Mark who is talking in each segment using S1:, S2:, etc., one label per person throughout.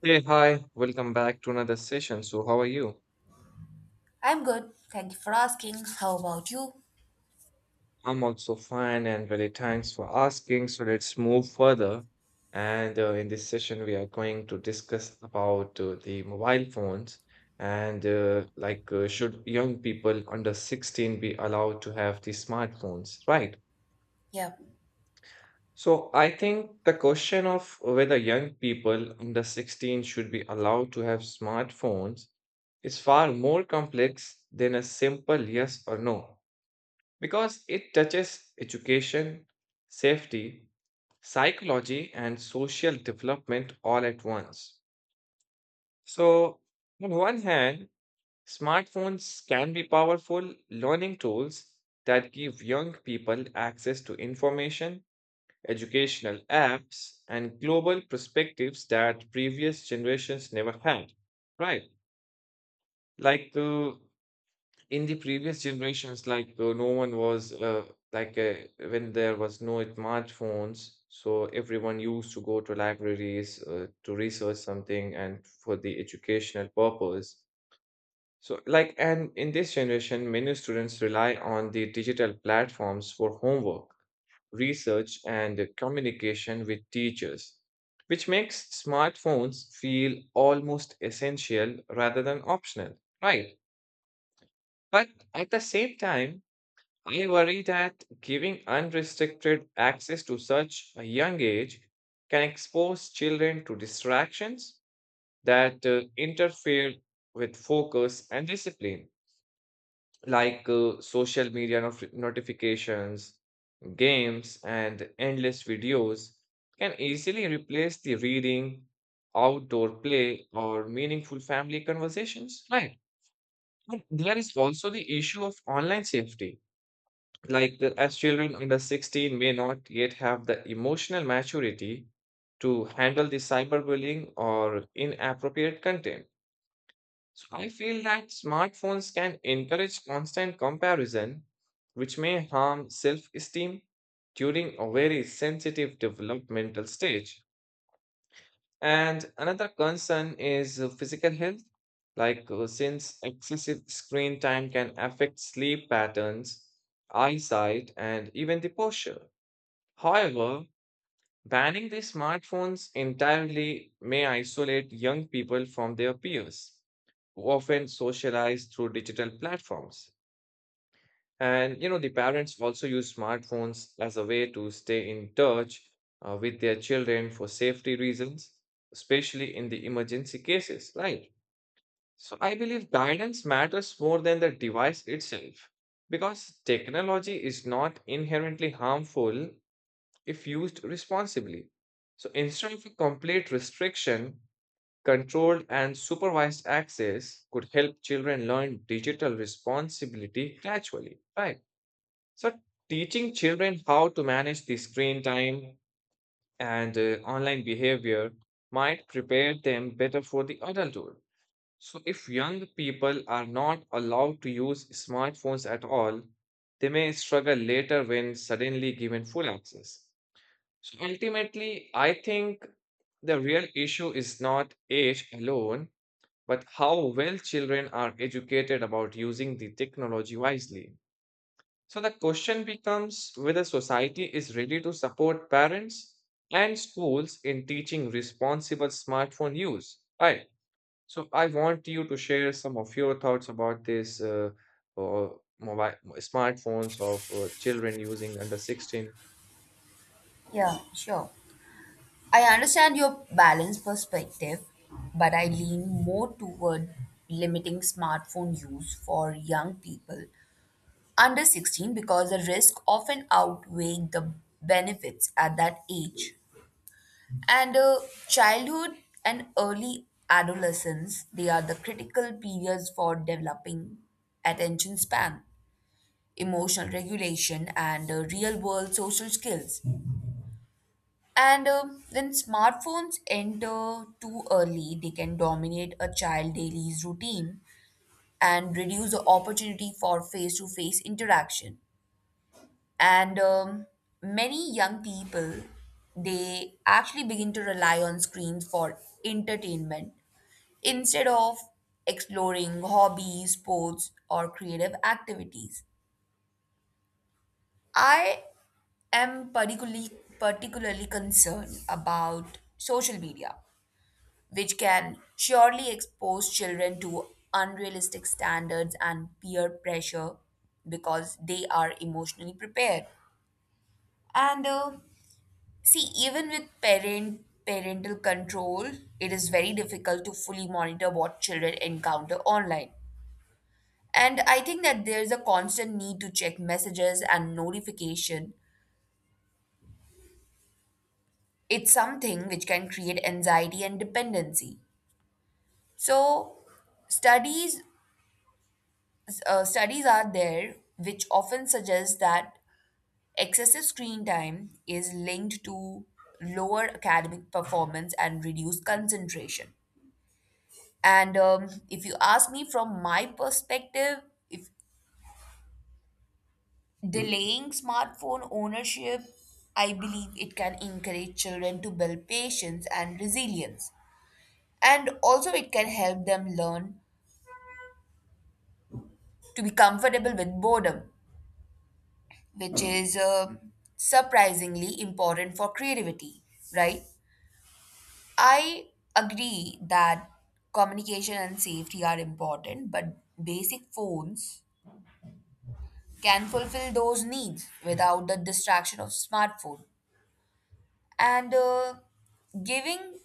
S1: Hey, hi, welcome back to another session. So, how are you?
S2: I'm good. Thank you for asking. How about you?
S1: I'm also fine and really thanks for asking. So, let's move further. And in this session, we are going to discuss about the mobile phones and should young people under 16 be allowed to have the smartphones, right?
S2: Yeah,
S1: So, I think the question of whether young people under 16 should be allowed to have smartphones is far more complex than a simple yes or no because it touches education, safety, psychology, and social development all at once. So, on one hand, smartphones can be powerful learning tools that give young people access to information, educational apps, and global perspectives that previous generations never had, right? Like, uh, in the previous generations no one was like uh, when there was no smartphones, so everyone used to go to libraries to research something and for the educational purpose. So like, and in this generation many students rely on the digital platforms for homework, research and communication with teachers, which makes smartphones feel almost essential rather than optional, right? But at the same time, I worry that giving unrestricted access to such a young age can expose children to distractions that interfere with focus and discipline, like social media notifications, games, and endless videos can easily replace the reading, outdoor play, or meaningful family conversations. Right. And there is also the issue of online safety like as children under 16 may not yet have the emotional maturity to handle the cyberbullying or inappropriate content. So I feel that smartphones can encourage constant comparison, which may harm self-esteem during a very sensitive developmental stage. And another concern is physical health, like since excessive screen time can affect sleep patterns, eyesight, and even the posture. However, banning the smartphones entirely may isolate young people from their peers who often socialize through digital platforms. And you know, the parents also use smartphones as a way to stay in touch with their children for safety reasons, especially in the emergency cases, right? So I believe guidance matters more than the device itself because technology is not inherently harmful if used responsibly. So instead of a complete restriction, controlled and supervised access could help children learn digital responsibility gradually, right? So teaching children how to manage the screen time and online behavior might prepare them better for the adulthood. So if young people are not allowed to use smartphones at all, they may struggle later when suddenly given full access. So ultimately, I think the real issue is not age alone, but how well children are educated about using the technology wisely. So the question becomes whether society is ready to support parents and schools in teaching responsible smartphone use. Right. So I want you to share some of your thoughts about this uh, mobile smartphones of children using under 16.
S2: yeah, Sure. I understand your balanced perspective, but I lean more toward limiting smartphone use for young people under 16 because the risk often outweigh the benefits at that age. And childhood and early adolescence, they are the critical periods for developing attention span, emotional regulation, and real world social skills. And when smartphones enter too early, they can dominate a child daily's routine and reduce the opportunity for face to face interaction. And many young people, they actually begin to rely on screens for entertainment instead of exploring hobbies, sports, or creative activities. I am particularly concerned about social media, which can surely expose children to unrealistic standards and peer pressure because they are emotionally prepared. And See, even with parental control, it is very difficult to fully monitor what children encounter online. And I think that there is a constant need to check messages and notification, it's something which can create anxiety and dependency. So studies studies are there which often suggest that excessive screen time is linked to lower academic performance and reduced concentration. And If you ask me from my perspective, if delaying smartphone ownership, I believe it can encourage children to build patience and resilience. And also, it can help them learn to be comfortable with boredom, which is surprisingly important for creativity, right? I agree that communication and safety are important, but basic phones can fulfill those needs without the distraction of smartphone. And Giving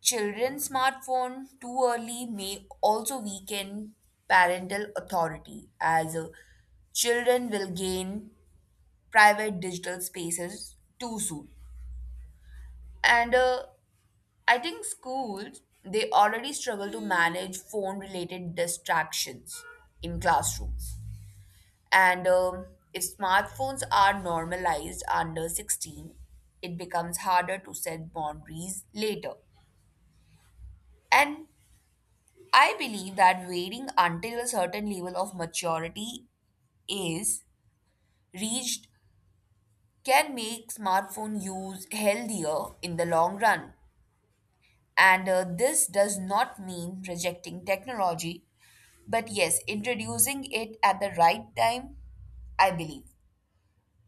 S2: children smartphone too early may also weaken parental authority as children will gain private digital spaces too soon. And I think schools, they already struggle to manage phone related distractions in classrooms. And If smartphones are normalized under 16, it becomes harder to set boundaries later. And I believe that waiting until a certain level of maturity is reached can make smartphone use healthier in the long run. And This does not mean rejecting technology, but yes, introducing it at the right time, I believe.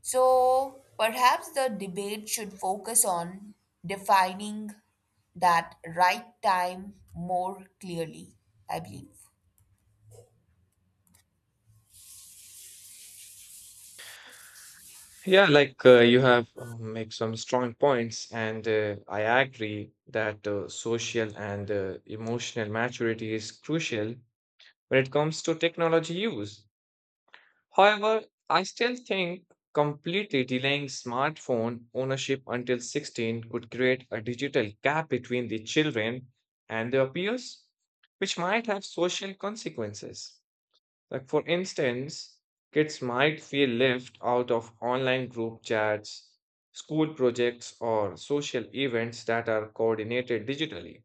S2: So perhaps the debate should focus on defining that right time more clearly, I believe.
S1: Yeah, like you have make some strong points, and I agree that social and emotional maturity is crucial when it comes to technology use. However, I still think completely delaying smartphone ownership until 16 could create a digital gap between the children and their peers, which might have social consequences. Like, for instance, kids might feel left out of online group chats, school projects, or social events that are coordinated digitally.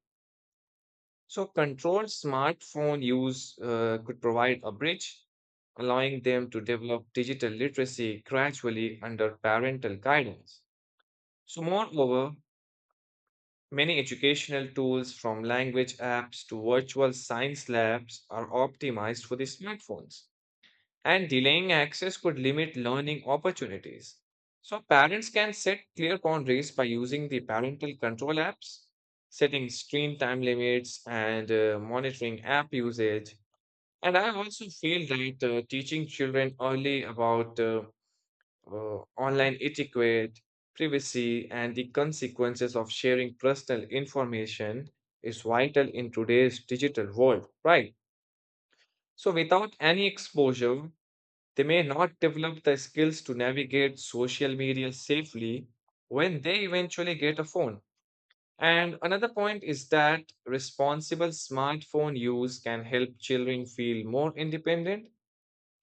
S1: So, controlled smartphone use could provide a bridge, allowing them to develop digital literacy gradually under parental guidance. So, moreover, many educational tools from language apps to virtual science labs are optimized for the smartphones, and delaying access could limit learning opportunities. So, parents can set clear boundaries by using the parental control apps, setting screen time limits, and monitoring app usage. And I also feel that teaching children early about online etiquette, privacy, and the consequences of sharing personal information is vital in today's digital world, right? So, without any exposure, they may not develop the skills to navigate social media safely when they eventually get a phone. And another point is that responsible smartphone use can help children feel more independent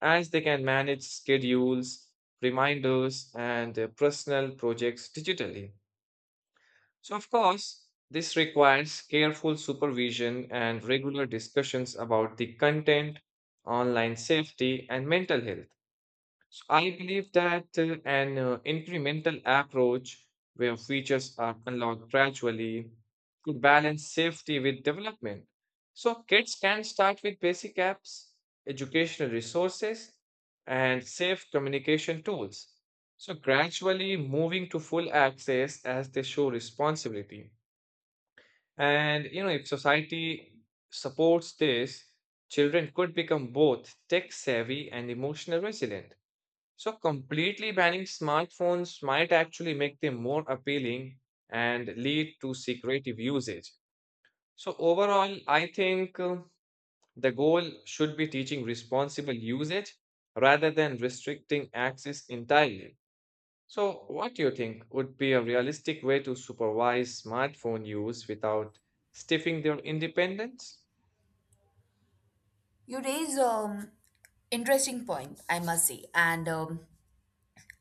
S1: as they can manage schedules, reminders, and their personal projects digitally. So, of course, this requires careful supervision and regular discussions about the content, online safety, and mental health. I believe that an incremental approach where features are unlocked gradually could balance safety with development. So kids can start with basic apps, educational resources, and safe communication tools. So gradually moving to full access as they show responsibility. And you know, if society supports this, children could become both tech savvy and emotional resilient. So, completely banning smartphones might actually make them more appealing and lead to secretive usage. So, overall, I think the goal should be teaching responsible usage rather than restricting access entirely. So, what do you think would be a realistic way to supervise smartphone use without stifling their independence?
S2: You raise interesting point, I must say, and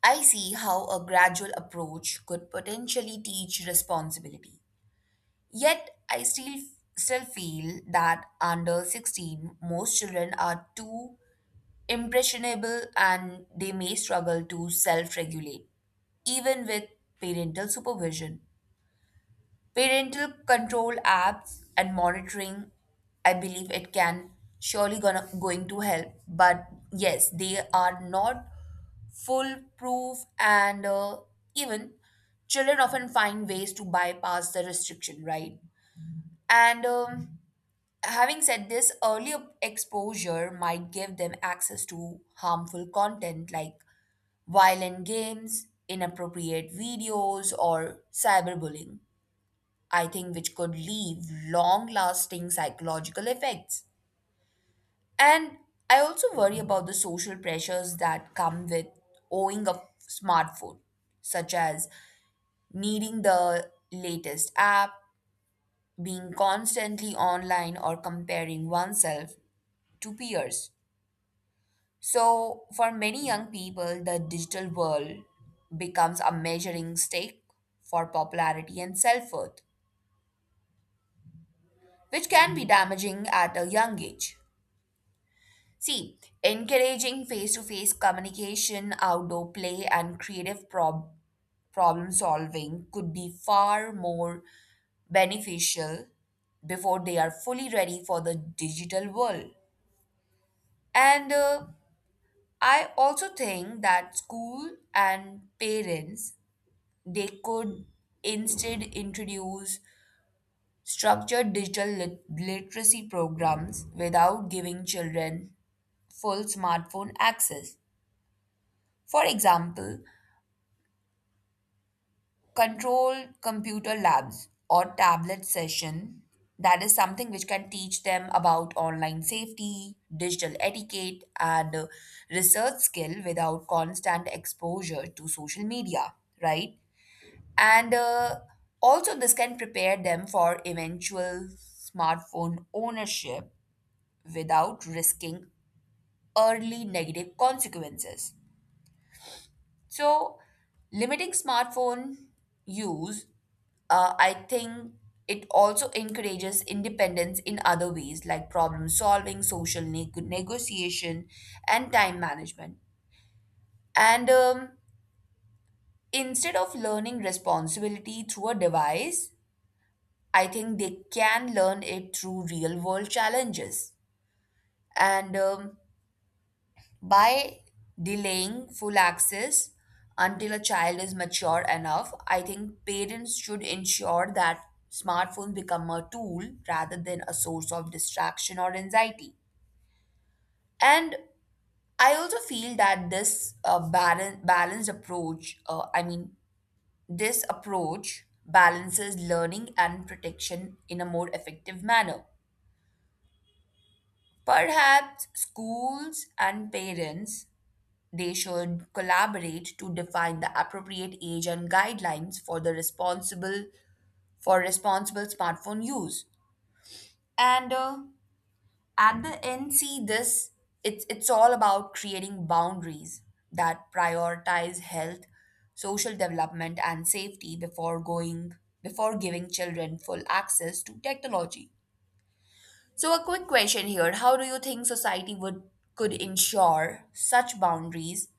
S2: I see how a gradual approach could potentially teach responsibility. Yet, I still feel that under 16, most children are too impressionable and they may struggle to self-regulate, even with parental supervision. Parental control apps and monitoring, I believe it can surely gonna going to help. But yes, they are not foolproof and even children often find ways to bypass the restriction, right? And Having said this, early exposure might give them access to harmful content like violent games, inappropriate videos, or cyberbullying, I think, which could leave long lasting psychological effects. And I also worry about the social pressures that come with owning a smartphone, such as needing the latest app, being constantly online, or comparing oneself to peers. So, for many young people, the digital world becomes a measuring stick for popularity and self worth, which can be damaging at a young age. See, encouraging face to face communication, outdoor play, and creative problem solving could be far more beneficial before they are fully ready for the digital world. And I also think that school and parents, they could instead introduce structured digital literacy programs without giving children full smartphone access. For example, controlled computer labs or tablet session, that is something which can teach them about online safety, digital etiquette and research skill without constant exposure to social media, right? And Also, this can prepare them for eventual smartphone ownership without risking early negative consequences. So, limiting smartphone use, I think it also encourages independence in other ways like problem solving, social negotiation, and time management. And Instead of learning responsibility through a device, I think they can learn it through real world challenges. And By delaying full access until a child is mature enough, I think parents should ensure that smartphones become a tool rather than a source of distraction or anxiety. And I also feel that this balanced approach, I mean, this approach balances learning and protection in a more effective manner. Perhaps schools and parents, they should collaborate to define the appropriate age and guidelines for the responsible smartphone use. And At the end, see, this it's all about creating boundaries that prioritize health, social development, and safety before giving children full access to technology. So a quick question here. How do you think society would could ensure such boundaries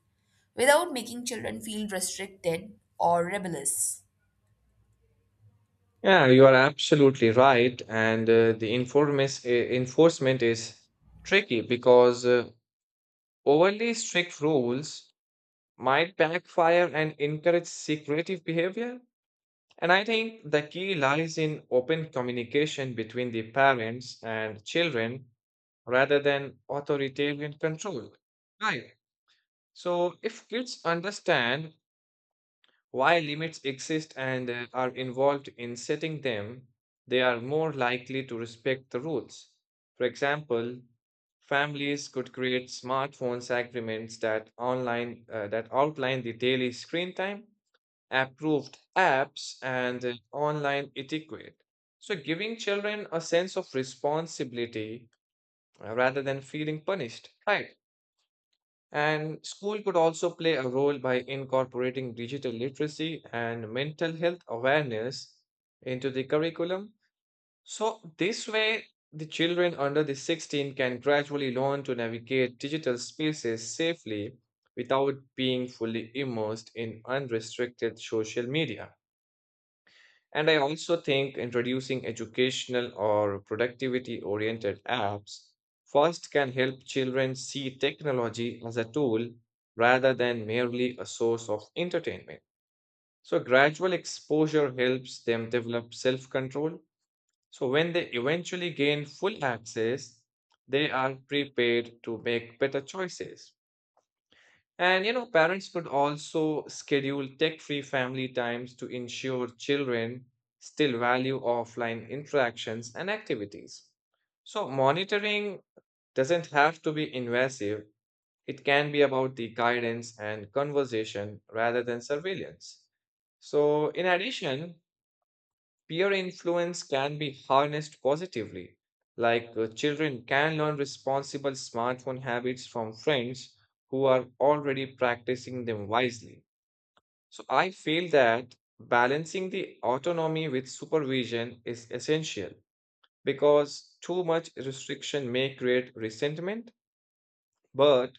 S2: without making children feel restricted or rebellious?
S1: Yeah, you are absolutely right. And the informis- enforcement is tricky because overly strict rules might backfire and encourage secretive behavior. And I think the key lies in open communication between the parents and children rather than authoritarian control. Right. So if kids understand while limits exist and are involved in setting them, they are more likely to respect the rules. For example, families could create smartphones agreements that outline the daily screen time, approved apps, and online etiquette. So, giving children a sense of responsibility rather than feeling punished, right? And school could also play a role by incorporating digital literacy and mental health awareness into the curriculum. So, this way, the children under the 16 can gradually learn to navigate digital spaces safely without being fully immersed in unrestricted social media. And I also think introducing educational or productivity oriented apps first can help children see technology as a tool rather than merely a source of entertainment. So, gradual exposure helps them develop self control. So, when they eventually gain full access, they are prepared to make better choices. And you know, parents could also schedule tech-free family times to ensure children still value offline interactions and activities. So monitoring doesn't have to be invasive. It can be about the guidance and conversation rather than surveillance. So in addition, peer influence can be harnessed positively, like children can learn responsible smartphone habits from friends who are already practicing them wisely. So I feel that balancing the autonomy with supervision is essential because too much restriction may create resentment, but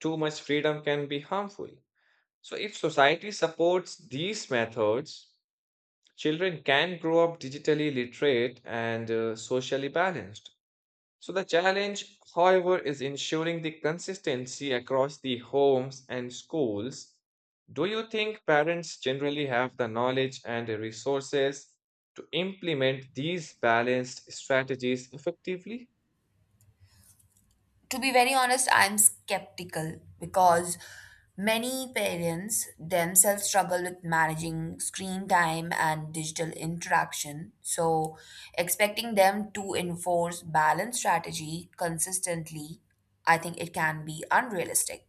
S1: too much freedom can be harmful. So if society supports these methods, children can grow up digitally literate and socially balanced. So, the challenge, however, is ensuring the consistency across the homes and schools. Do you think parents generally have the knowledge and the resources to implement these balanced strategies effectively?
S2: To be very honest, I'm skeptical because many parents themselves struggle with managing screen time and digital interaction. So expecting them to enforce balanced strategy consistently, I think it can be unrealistic.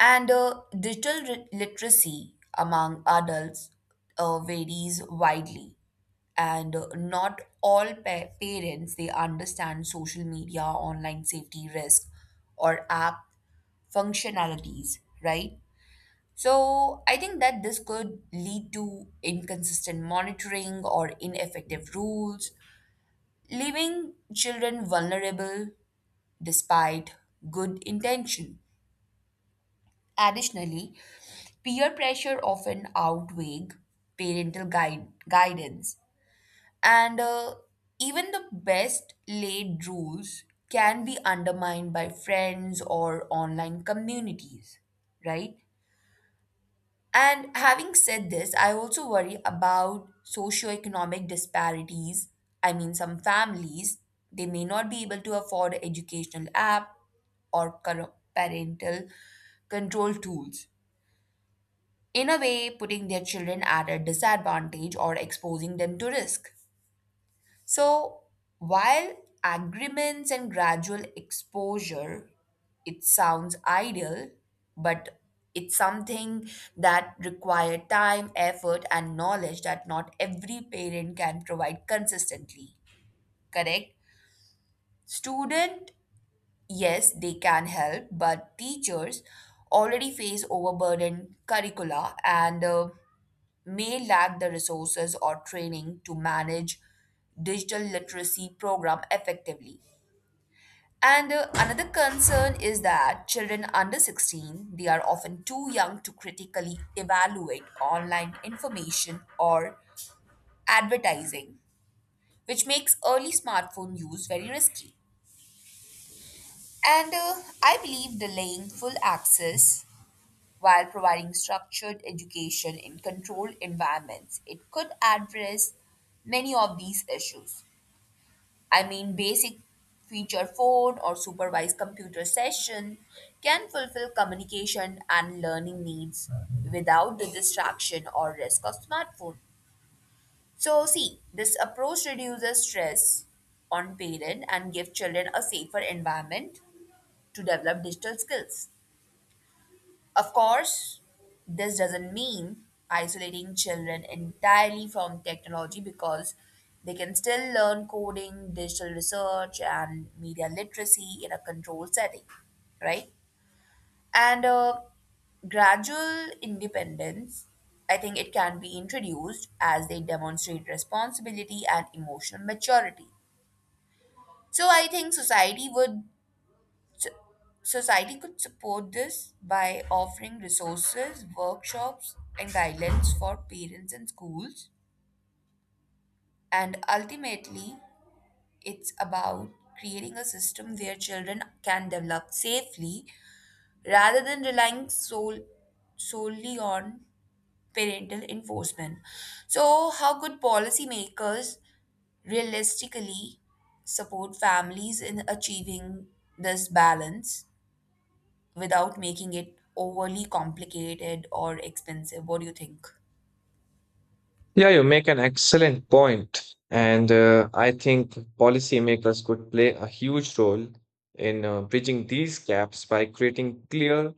S2: And digital literacy among adults varies widely, and not all parents, they understand social media, online safety risk, or app functionalities, right? So I think that this could lead to inconsistent monitoring or ineffective rules, leaving children vulnerable despite good intention. Additionally, peer pressure often outweigh guidance, and even the best laid rules can be undermined by friends or online communities, right? And having said this I also worry about socioeconomic disparities. I mean, some families, they may not be able to afford educational app or parental control tools, in a way putting their children at a disadvantage or exposing them to risk. So, while agreements and gradual exposure, it sounds ideal, but it's something that require time, effort, and knowledge that not every parent can provide consistently. Correct? Student, yes, they can help, but teachers already face overburdened curricula and may lack the resources or training to manage digital literacy program effectively. And another concern is that children under 16, they are often too young to critically evaluate online information or advertising, which makes early smartphone use very risky. And I believe delaying full access while providing structured education in controlled environments, it could address many of these issues. I mean, basic feature phone or supervised computer session can fulfill communication and learning needs without the distraction or risk of smartphone. So, see, this approach reduces stress on parent and give children a safer environment to develop digital skills. Of course, this doesn't mean isolating children entirely from technology because they can still learn coding, digital research, and media literacy in a controlled setting, right? And gradual independence, I think it can be introduced as they demonstrate responsibility and emotional maturity. So I think society would so, society could support this by offering resources, workshops, and guidance for parents and schools. And ultimately, it's about creating a system where children can develop safely rather than relying solely on parental enforcement. So, how could policymakers realistically support families in achieving this balance, without making it overly complicated or expensive? What do you think?
S1: Yeah, you make an excellent point. And I think policymakers could play a huge role in bridging these gaps by creating clear,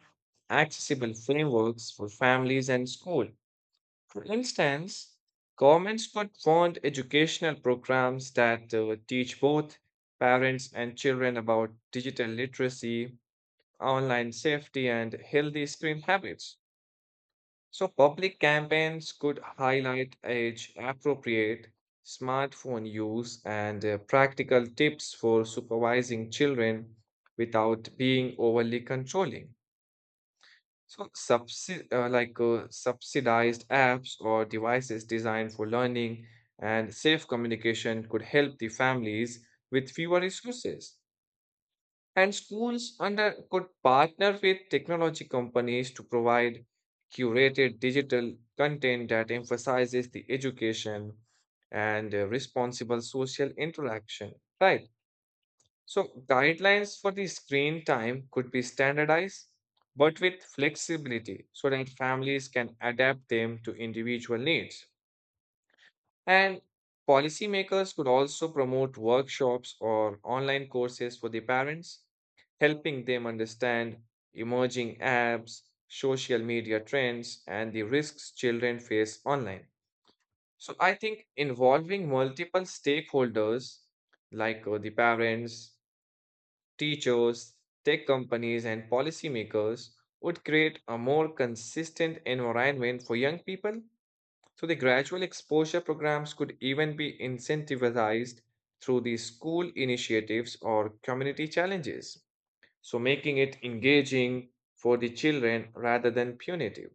S1: accessible frameworks for families and school. For instance, governments could fund educational programs that teach both parents and children about digital literacy, online safety, and healthy screen habits. So public campaigns could highlight age appropriate smartphone use and practical tips for supervising children without being overly controlling. So subsidized apps or devices designed for learning and safe communication could help the families with fewer resources. And schools under could partner with technology companies to provide curated digital content that emphasizes the education and responsible social interaction. Right. So guidelines for the screen time could be standardized, but with flexibility so that families can adapt them to individual needs. And policymakers could also promote workshops or online courses for the parents, helping them understand emerging apps, social media trends, and the risks children face online. So I think involving multiple stakeholders like the parents, teachers, tech companies, and policymakers would create a more consistent environment for young people. So the gradual exposure programs could even be incentivized through the school initiatives or community challenges. So making it engaging for the children rather than punitive.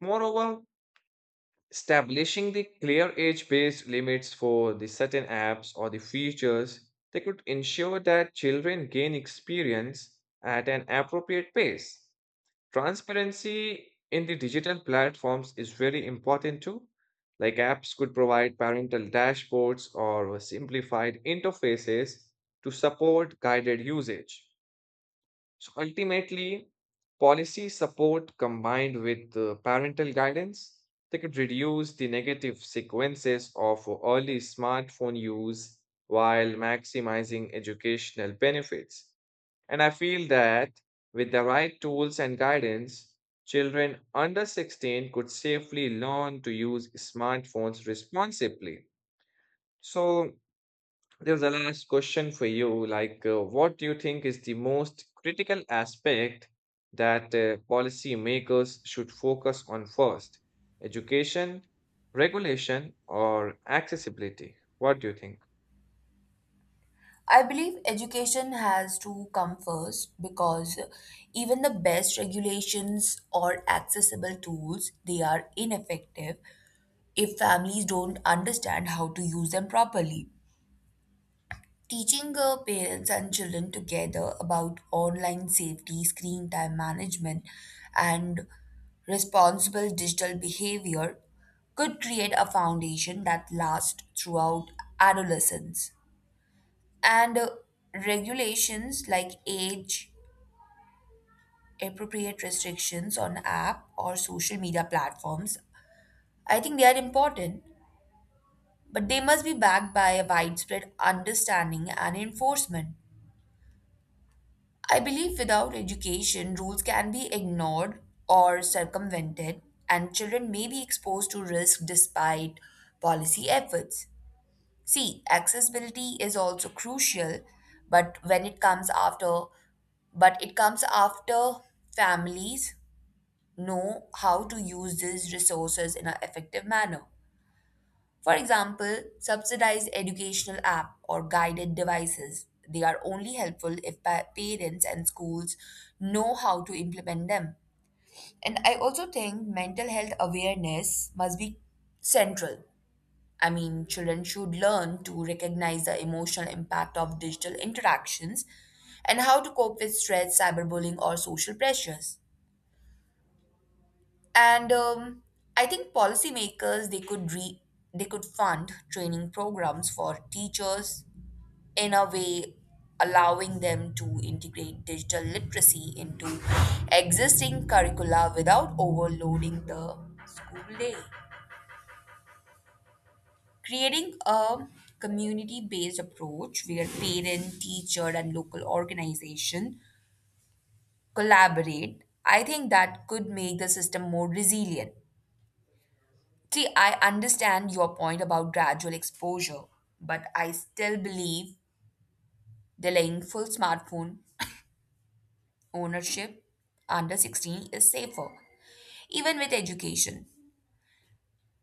S1: Moreover, establishing the clear age-based limits for the certain apps or the features, they could ensure that children gain experience at an appropriate pace. Transparency in the digital platforms is very important too. Like apps could provide parental dashboards or simplified interfaces to support guided usage. So ultimately, policy support combined with parental guidance, they could reduce the negative sequences of early smartphone use while maximizing educational benefits. And I feel that with the right tools and guidance, children under 16 could safely learn to use smartphones responsibly. So, there's a last question for you like, what do you think is the most critical aspect that policymakers should focus on first? Education, regulation, or accessibility? What do you think?
S2: I believe education has to come first because even the best regulations or accessible tools, they are ineffective if families don't understand how to use them properly. Teaching parents and children together about online safety, screen time management, and responsible digital behavior could create a foundation that lasts throughout adolescence. And regulations like age appropriate restrictions on app or social media platforms, I think they are important, but they must be backed by a widespread understanding and enforcement. I believe without education, rules can be ignored or circumvented, and children may be exposed to risk despite policy efforts. See, accessibility is also crucial, but when it comes after, but it comes after families know how to use these resources in an effective manner. For example, subsidized educational app or guided devices. They are only helpful if parents and schools know how to implement them. And I also think mental health awareness must be central. I mean, children should learn to recognize the emotional impact of digital interactions and how to cope with stress, cyberbullying, or social pressures. And I think policymakers, they could fund training programs for teachers, in a way allowing them to integrate digital literacy into existing curricula without overloading the school day. Creating a community based approach where parent teacher and local organization collaborate, I think that could make the system more resilient. See, I understand your point about gradual exposure, but I still believe delaying full smartphone ownership under 16 is safer, even with education.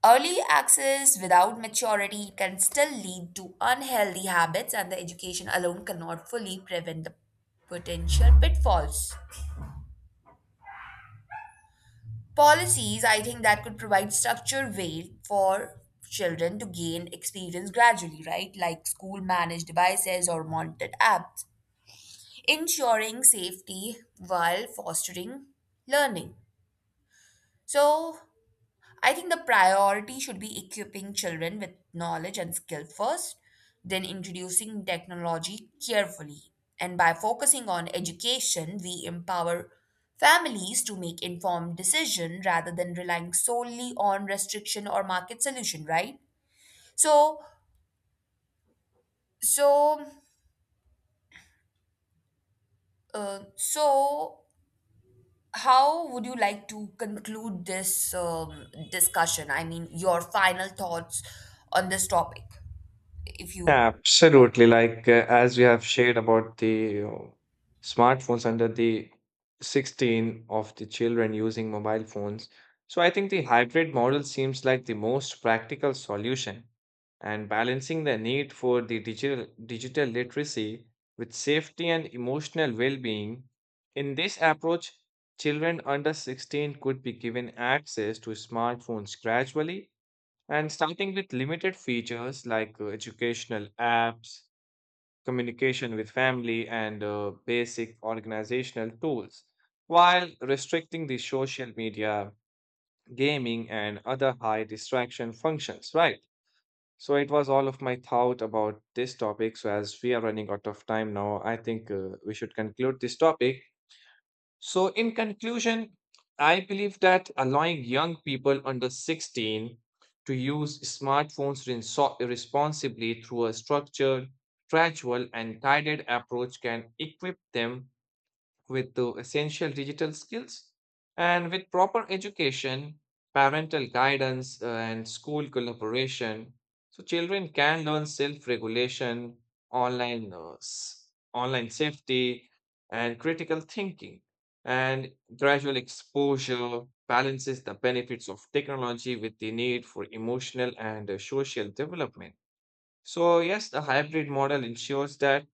S2: Early access without maturity can still lead to unhealthy habits, and the education alone cannot fully prevent the potential pitfalls. Policies, I think, that could provide structured way for children to gain experience gradually, right? Like school managed devices or monitored apps ensuring safety while fostering learning. So I think the priority should be equipping children with knowledge and skill first, then introducing technology carefully. And by focusing on education, we empower families to make informed decision rather than relying solely on restriction or market solution, right? So, so, so, how would you like to conclude this discussion? I mean, your final thoughts on this topic, if you want.
S1: Absolutely. Like, as we have shared about the smartphones under the 16 of the children using mobile phones. So I think the hybrid model seems like the most practical solution and balancing the need for the digital literacy with safety and emotional well-being. In this approach, children under 16 could be given access to smartphones gradually and starting with limited features like educational apps, communication with family, and basic organizational tools, while restricting the social media, gaming, and other high distraction functions, right? So it was all of my thought about this topic. So as we are running out of time now, I think we should conclude this topic. So, in conclusion, I believe that allowing young people under 16 to use smartphones responsibly through a structured, gradual, and guided approach can equip them with the essential digital skills and with proper education, parental guidance, and school collaboration. So children can learn self-regulation, online safety, and critical thinking. And gradual exposure balances the benefits of technology with the need for emotional and social development. So yes, the hybrid model ensures that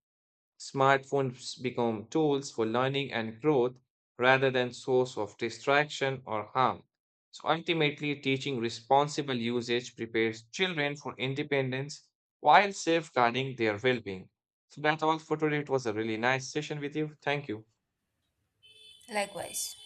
S1: smartphones become tools for learning and growth rather than source of distraction or harm. So ultimately, teaching responsible usage prepares children for independence while safeguarding their well-being. So that's all for today. It was a really nice session with you. Thank you.
S2: Likewise.